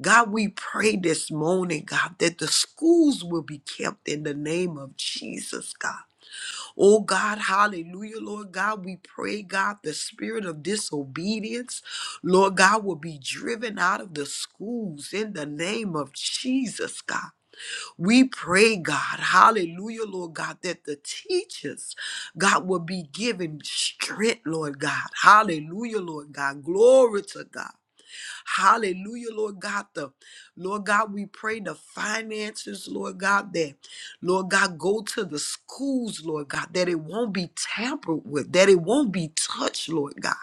Speaker 2: God, we pray this morning, God, that the schools will be kept in the name of Jesus, God. Oh, God, hallelujah, Lord God. We pray, God, the spirit of disobedience, Lord God, will be driven out of the schools in the name of Jesus, God. We pray, God, hallelujah, Lord God, that the teachers, God, will be given strength, Lord God. Hallelujah, Lord God. Glory to God. Hallelujah, Lord God. The Lord God, we pray the finances, Lord God, that Lord God go to the schools, Lord God, that it won't be tampered with, that it won't be touched, Lord God.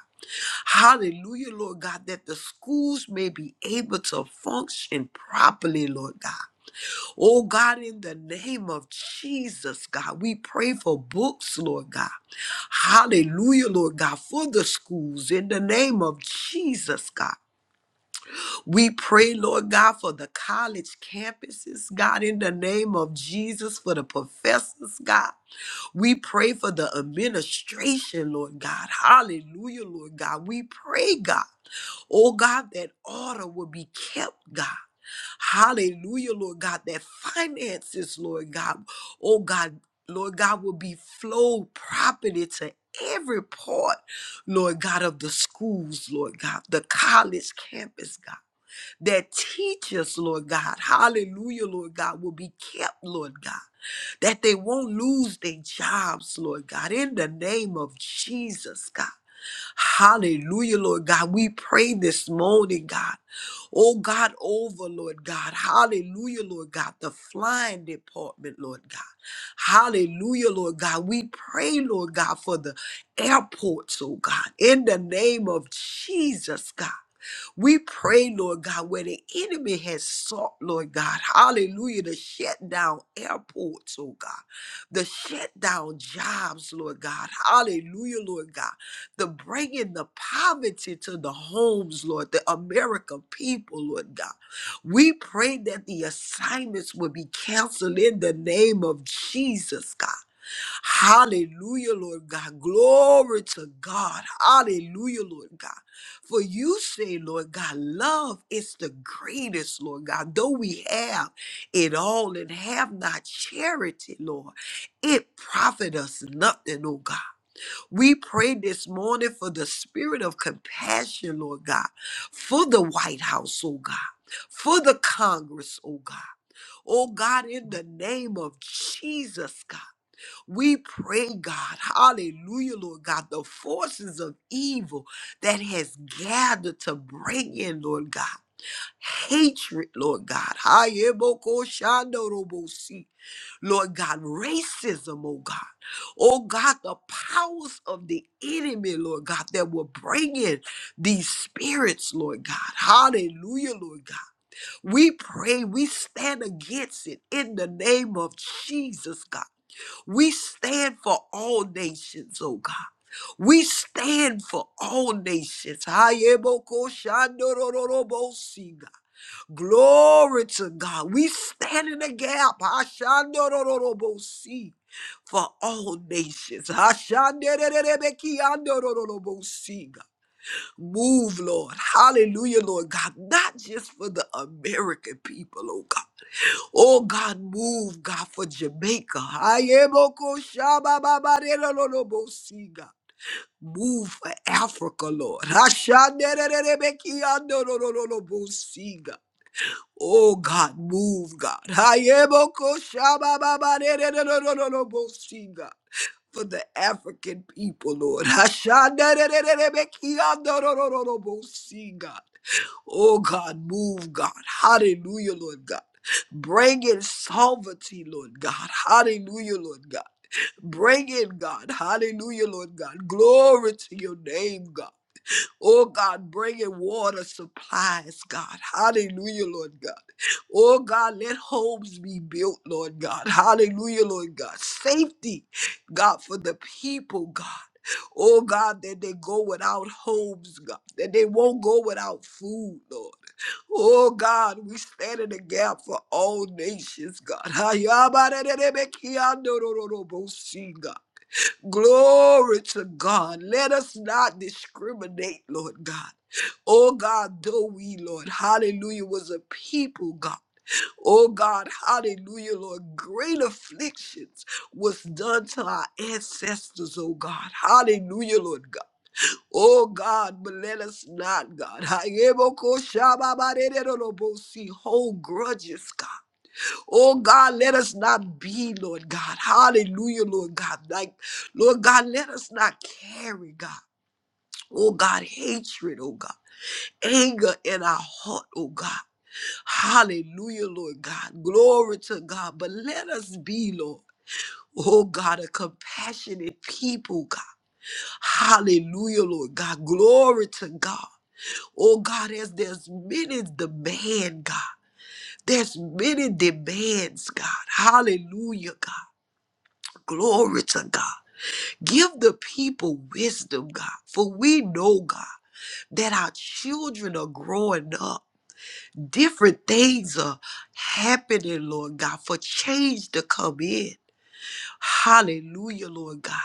Speaker 2: Hallelujah, Lord God, that the schools may be able to function properly, Lord God. Oh God, in the name of Jesus, God, we pray for books, Lord God. Hallelujah, Lord God, for the schools in the name of Jesus, God. We pray, Lord God, for the college campuses, God, in the name of Jesus, for the professors, God. We pray for the administration, Lord God. Hallelujah, Lord God. We pray, God. Oh, God, that order will be kept, God. Hallelujah, Lord God. That finances, Lord God. Oh, God, Lord God, will be flowed properly to every part, Lord God, of the schools, Lord God, the college campus, God that teachers, Lord God, hallelujah, Lord God, will be kept, Lord God, that they won't lose their jobs, Lord God, in the name of Jesus, God. Hallelujah, Lord God. We pray this morning, God. Oh God, over, Lord God. Hallelujah, Lord God. The flying department, Lord God. Hallelujah, Lord God. We pray, Lord God, for the airports, oh God, in the name of Jesus, God. We pray, Lord God, where the enemy has sought, Lord God, hallelujah, to shut down airports, oh God, the shut down jobs, Lord God, hallelujah, Lord God, the bringing the poverty to the homes, Lord, the American people, Lord God. We pray that the assignments will be canceled in the name of Jesus, God. Hallelujah, Lord God. Glory to God. Hallelujah, Lord God. For you say, Lord God, love is the greatest, Lord God. Though we have it all and have not charity, Lord, it profit us nothing, oh God. We pray this morning for the spirit of compassion, Lord God, for the White House, oh God. For the Congress, oh God. Oh God, in the name of Jesus, God. We pray, God, hallelujah, Lord God, the forces of evil that has gathered to bring in, Lord God, hatred, Lord God. Hayebokoshandorobosi. Lord God, racism, oh God. Oh God, the powers of the enemy, Lord God, that will bring in these spirits, Lord God. Hallelujah, Lord God. We pray, we stand against it in the name of Jesus, God. We stand for all nations, oh God. We stand for all nations. Hayeboko shandorororobosi, God. Glory to God. We stand in the gap Hashandorororobosi, for all nations. Hashanderererebekiandorororobosi, God. Move, Lord. Hallelujah, Lord God. Not just for the American people, oh God. Oh God, move, God, for Jamaica. Ayeboko shabababarelolobosiga. Move for Africa, Lord. Ashanererebekiandololobosiga. Oh God, move, God. Ayeboko shabababarelolobosiga. For the African people, Lord. Ashanererebekiandololobosiga. Oh God, move, God. Hallelujah, Lord God. Bring in sovereignty, Lord God. Hallelujah, Lord God. Bring in, God. Hallelujah, Lord God. Glory to your name, God. Oh God, bringing water supplies, God. Hallelujah, Lord God. Oh God, let homes be built, Lord God. Hallelujah, Lord God. Safety, God, for the people, God. Oh God, that they go without homes, God, that they won't go without food, Lord. Oh God, we stand in the gap for all nations, God. Ha, ya, ba, da, da, da, be, ki, ya, do, do, do, do, bo, si, God. Glory to God. Let us not discriminate, Lord God. Oh God, though we, Lord, hallelujah, was a people, God. Oh God, hallelujah, Lord, great afflictions was done to our ancestors, oh God. Hallelujah, Lord God. Oh God, but let us not, God. Hold grudges, God. Oh God, let us not be, Lord God. Hallelujah, Lord God. Like, Lord God, let us not carry, God. Oh God, hatred, oh God. Anger in our heart, oh God. Hallelujah, Lord God. Glory to God. But let us be, Lord. Oh God, a compassionate people, God. Hallelujah, Lord God. Glory to God. Oh God, as there's many demand, God. There's many demands, God. Hallelujah, God. Glory to God. Give the people wisdom, God, for we know, God, that our children are growing up. Different things are happening, Lord God, for change to come in. Hallelujah, Lord God.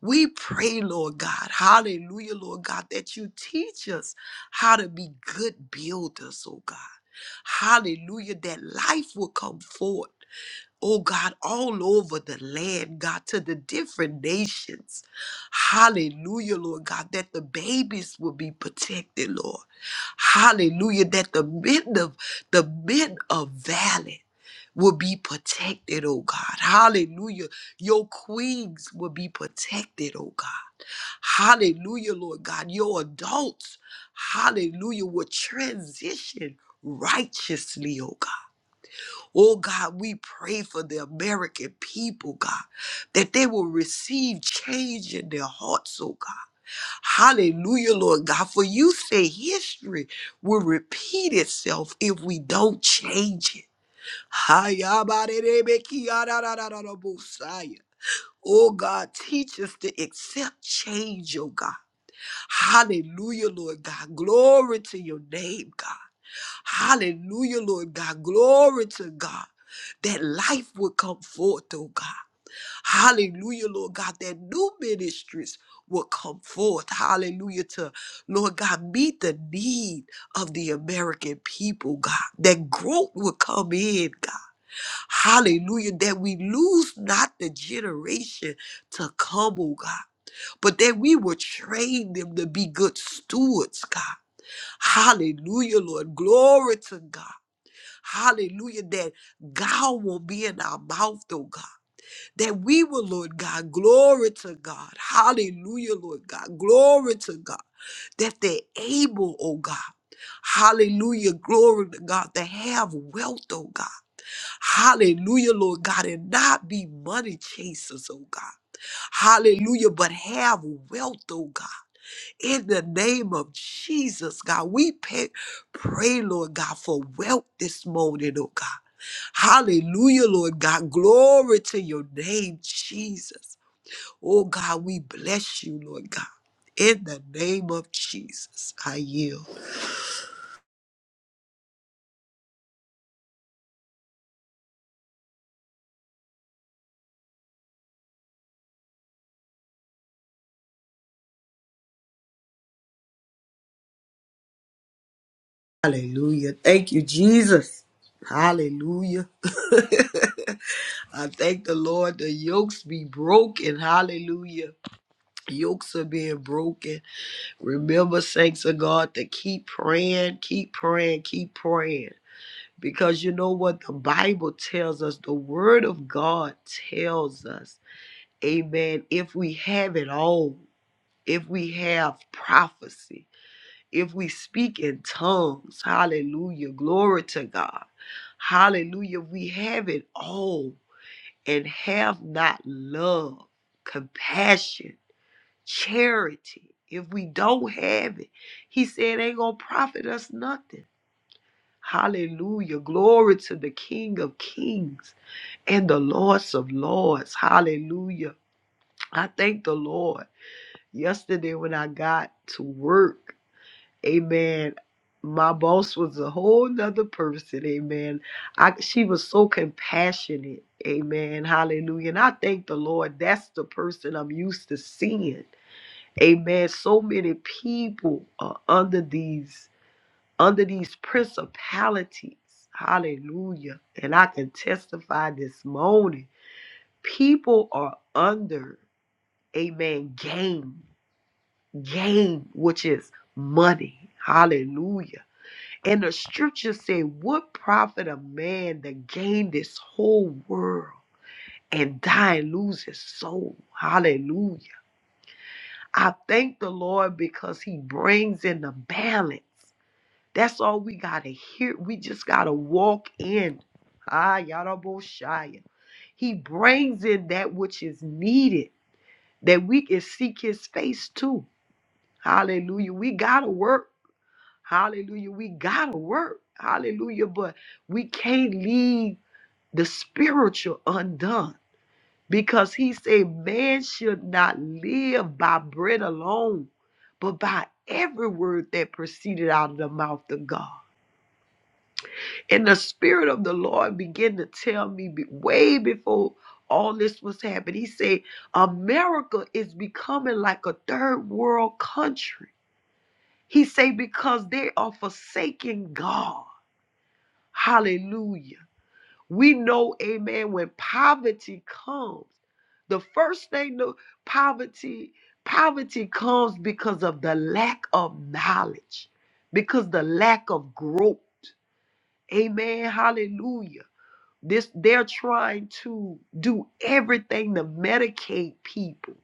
Speaker 2: We pray, Lord God, hallelujah, Lord God, that you teach us how to be good builders, oh God. Hallelujah, that life will come forth oh God, all over the land, God, to the different nations. Hallelujah, Lord God, that the babies will be protected, Lord. Hallelujah, that the men of the men of valley will be protected, oh God. Hallelujah. Your queens will be protected, oh God. Hallelujah, Lord God. Your adults, hallelujah, will transition righteously, oh God. Oh God, we pray for the American people, God, that they will receive change in their hearts, oh God. Hallelujah, Lord God. For you say history will repeat itself if we don't change it. Hayabarerebekiararararabosaya. Oh God, teach us to accept change, oh God. Hallelujah, Lord God. Glory to your name, God. Hallelujah, Lord God. Glory to God. That life will come forth, oh God. Hallelujah, Lord God. That new ministries will come forth. Hallelujah. To Lord God, meet the need of the American people, God. That growth will come in, God. Hallelujah. That we lose not the generation to come, oh God but that we will train them to be good stewards, God. Hallelujah, Lord. Glory to God. Hallelujah. That God will be in our mouth, oh God. That we will, Lord God, glory to God. Hallelujah, Lord God. Glory to God. That they're able, oh God. Hallelujah. Glory to God. To have wealth, oh God. Hallelujah, Lord God. And not be money chasers, oh God. Hallelujah. But have wealth, oh God in the name of Jesus, God. We pay, pray, Lord God, for wealth this morning, oh God. Hallelujah, Lord God. Glory to your name, Jesus. Oh God, we bless you, Lord God. In the name of Jesus, I yield. Hallelujah. Thank you, Jesus. Hallelujah. I thank the Lord. The yokes be broken. Hallelujah. Yokes are being broken. Remember, saints of God, to keep praying, keep praying, keep praying. Because you know what? The Bible tells us, the Word of God tells us, amen. If we have it all, if we have prophecy, if we speak in tongues, hallelujah, glory to God, hallelujah, we have it all and have not love, compassion charity. If we don't have it, he said, ain't going to profit us nothing. Hallelujah. Glory to the King of Kings and the Lords of Lords. Hallelujah. I thank the Lord. Yesterday, when I got to work, amen. My boss was a whole nother person, amen. I, she was so compassionate, amen. Hallelujah. And I thank the Lord. That's the person I'm used to seeing. Amen. So many people are under these under these principalities. Hallelujah. And I can testify this morning. People are under, amen, gain. Gain, which is money. Hallelujah. And the scripture say, What profit a man that gain this whole world and die and lose his soul? Hallelujah. I thank the Lord because He brings in the balance. That's all we gotta hear. We just gotta walk in. Ah, Yadaboshaya. He brings in that which is needed that we can seek His face too. Hallelujah. We gotta work. Hallelujah. We gotta work. Hallelujah. But we can't leave the spiritual undone because he said man should not live by bread alone but by every word that proceeded out of the mouth of god and the spirit of the lord began to tell me be- way before all this was happening he said america is becoming like a third world country he said because they are forsaking god hallelujah We know, amen, when poverty comes, the first thing the poverty, poverty comes because of the lack of knowledge, because the lack of growth. Amen. Hallelujah. This they're trying to do everything to medicate people,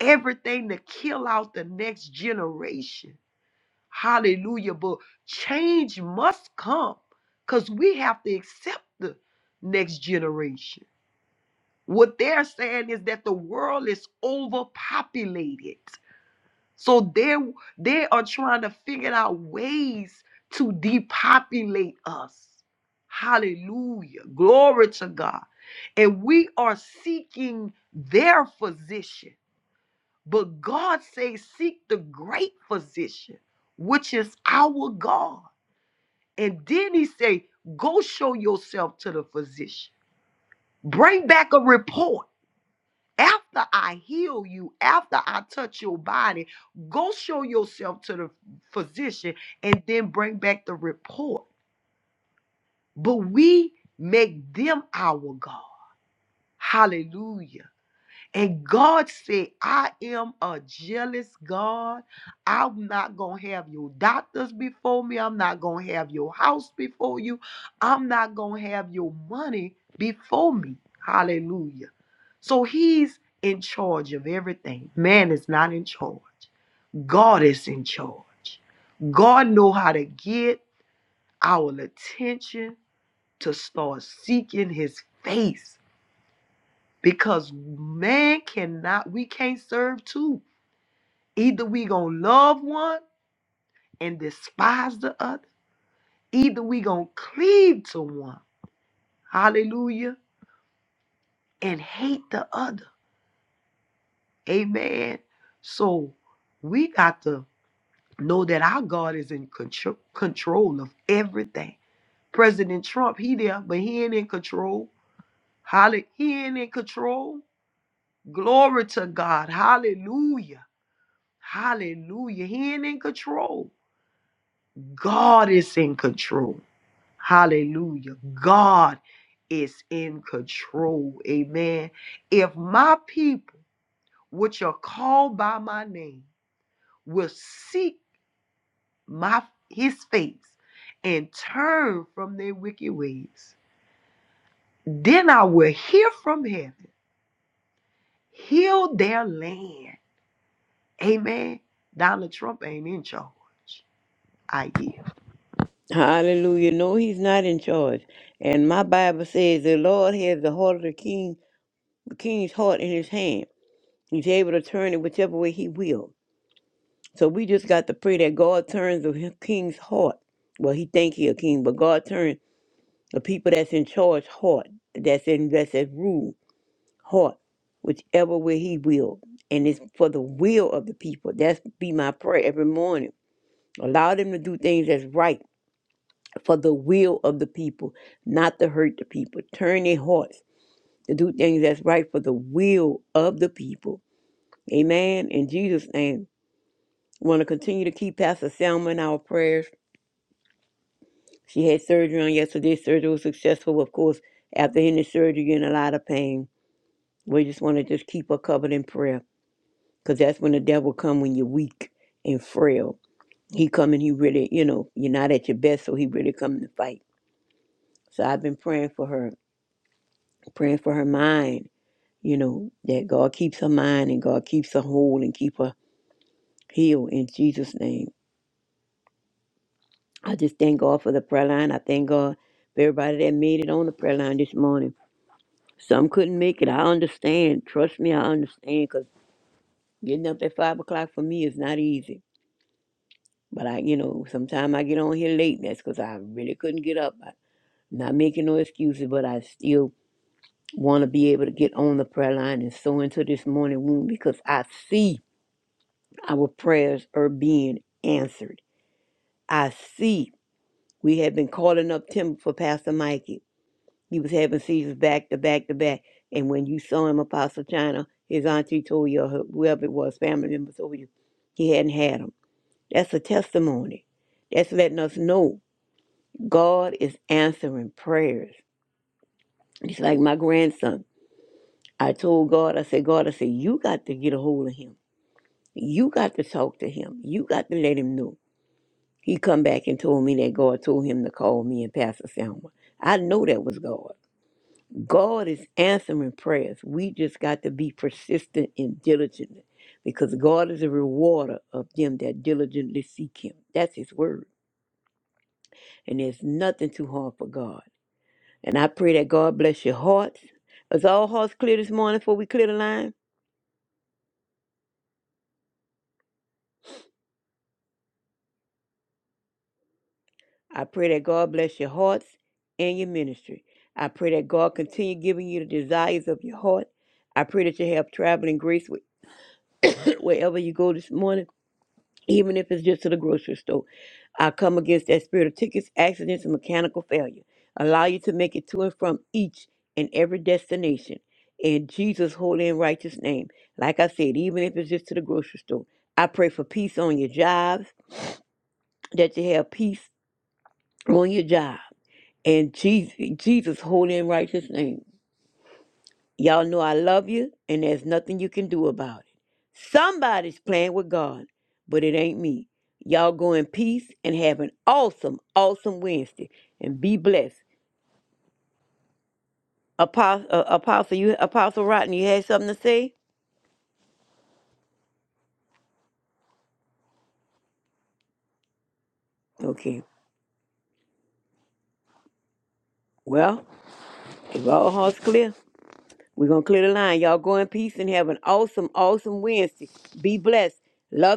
Speaker 2: everything to kill out the next generation. Hallelujah. But change must come because we have to accept the next generation. What they're saying is that the world is overpopulated. So they they are trying to figure out ways to depopulate us. Hallelujah. Glory to God. And we are seeking their physician. But God says seek the great physician, which is our God. And then he say, go show yourself to the physician. Bring back a report. After I heal you, after I touch your body, go show yourself to the physician and then bring back the report. But we make them our God. Hallelujah. And God said, I am a jealous God. I'm not going to have your doctors before me. I'm not going to have your house before you. I'm not going to have your money before me. Hallelujah. So he's in charge of everything. Man is not in charge. God is in charge. God know how to get our attention to start seeking his face because man cannot we can't serve two either we gonna love one and despise the other either we gonna cleave to one hallelujah and hate the other amen so we got to know that our god is in control control of everything president trump he there but he ain't in control Hallelujah. He ain't in control. Glory to God. Hallelujah. Hallelujah. He ain't in control. God is in control. Hallelujah. God is in control. Amen. If my people, which are called by my name, will seek my his face and turn from their wicked ways, then I will hear from heaven, heal their land. Amen. Donald Trump ain't in charge. I hear.
Speaker 3: Hallelujah. No, he's not in charge. And my Bible says the Lord has the heart of the king, the king's heart in his hand. He's able to turn it whichever way he will. So we just got to pray that God turns the h- king's heart. Well, he think he a king, but God turns the people that's in charge heart, that's in that's at rule heart, whichever way he will. And it's for the will of the people. That's be my prayer every morning. Allow them to do things that's right for the will of the people, not to hurt the people. Turn their hearts to do things that's right for the will of the people. Amen. In Jesus' name, want to continue to keep Pastor Selma in our prayers. She had surgery on yesterday. Surgery was successful, of course. After any surgery, you're in a lot of pain. We just want to just keep her covered in prayer, because that's when the devil come when you're weak and frail. He come and he really, you know, you're not at your best, so he really come to fight. So I've been praying for her, praying for her mind you know, that God keeps her mind and God keeps her whole and keep her healed in Jesus' name. I just thank God for the prayer line. I thank God for everybody that made it on the prayer line this morning. Some couldn't make it. I understand. Trust me, I understand because getting up at 5 o'clock for me is not easy. But I, you know, sometimes I get on here late. and That's because I really couldn't get up. I'm not making no excuses, but I still want to be able to get on the prayer line and sow into this morning womb because I see. Our prayers are being answered. I see we have been calling up Tim for Pastor Mikey. He was having seizures back to back to back. And when you saw him, Apostle China, his auntie told you, or whoever it was, family member told you, he hadn't had them. That's a testimony. That's letting us know God is answering prayers. It's like my grandson. I told God, I said, God, I said, you got to get a hold of him. You got to talk to him. You got to let him know. He come back and told me that God told him to call me and Pastor Selma. I know that was God. God is answering prayers. We just got to be persistent and diligent because God is a rewarder of them that diligently seek him. That's his word. And there's nothing too hard for God. And I pray that God bless your hearts. Is all hearts clear this morning before we clear the line? I pray that God bless your hearts and your ministry. I pray that God continue giving you the desires of your heart. I pray that you have traveling grace wh- wherever you go this morning, even if it's just to the grocery store. I come against that spirit of tickets, accidents, and mechanical failure. Allow you to make it to and from each and every destination. In Jesus' holy and righteous name. Like I said, even if it's just to the grocery store. I pray for peace on your jobs, that you have peace on your job. And Jesus, Jesus, holy and righteous name. Y'all know I love you, and there's nothing you can do about it. Somebody's playing with God, but it ain't me. Y'all go in peace and have an awesome, awesome Wednesday, and be blessed. Apostle, uh, Apostle, you, Apostle Rotten, you had something to say? Okay. Well, if all hearts clear, we're gonna clear the line. Y'all go in peace and have an awesome, awesome Wednesday. Be blessed. Love.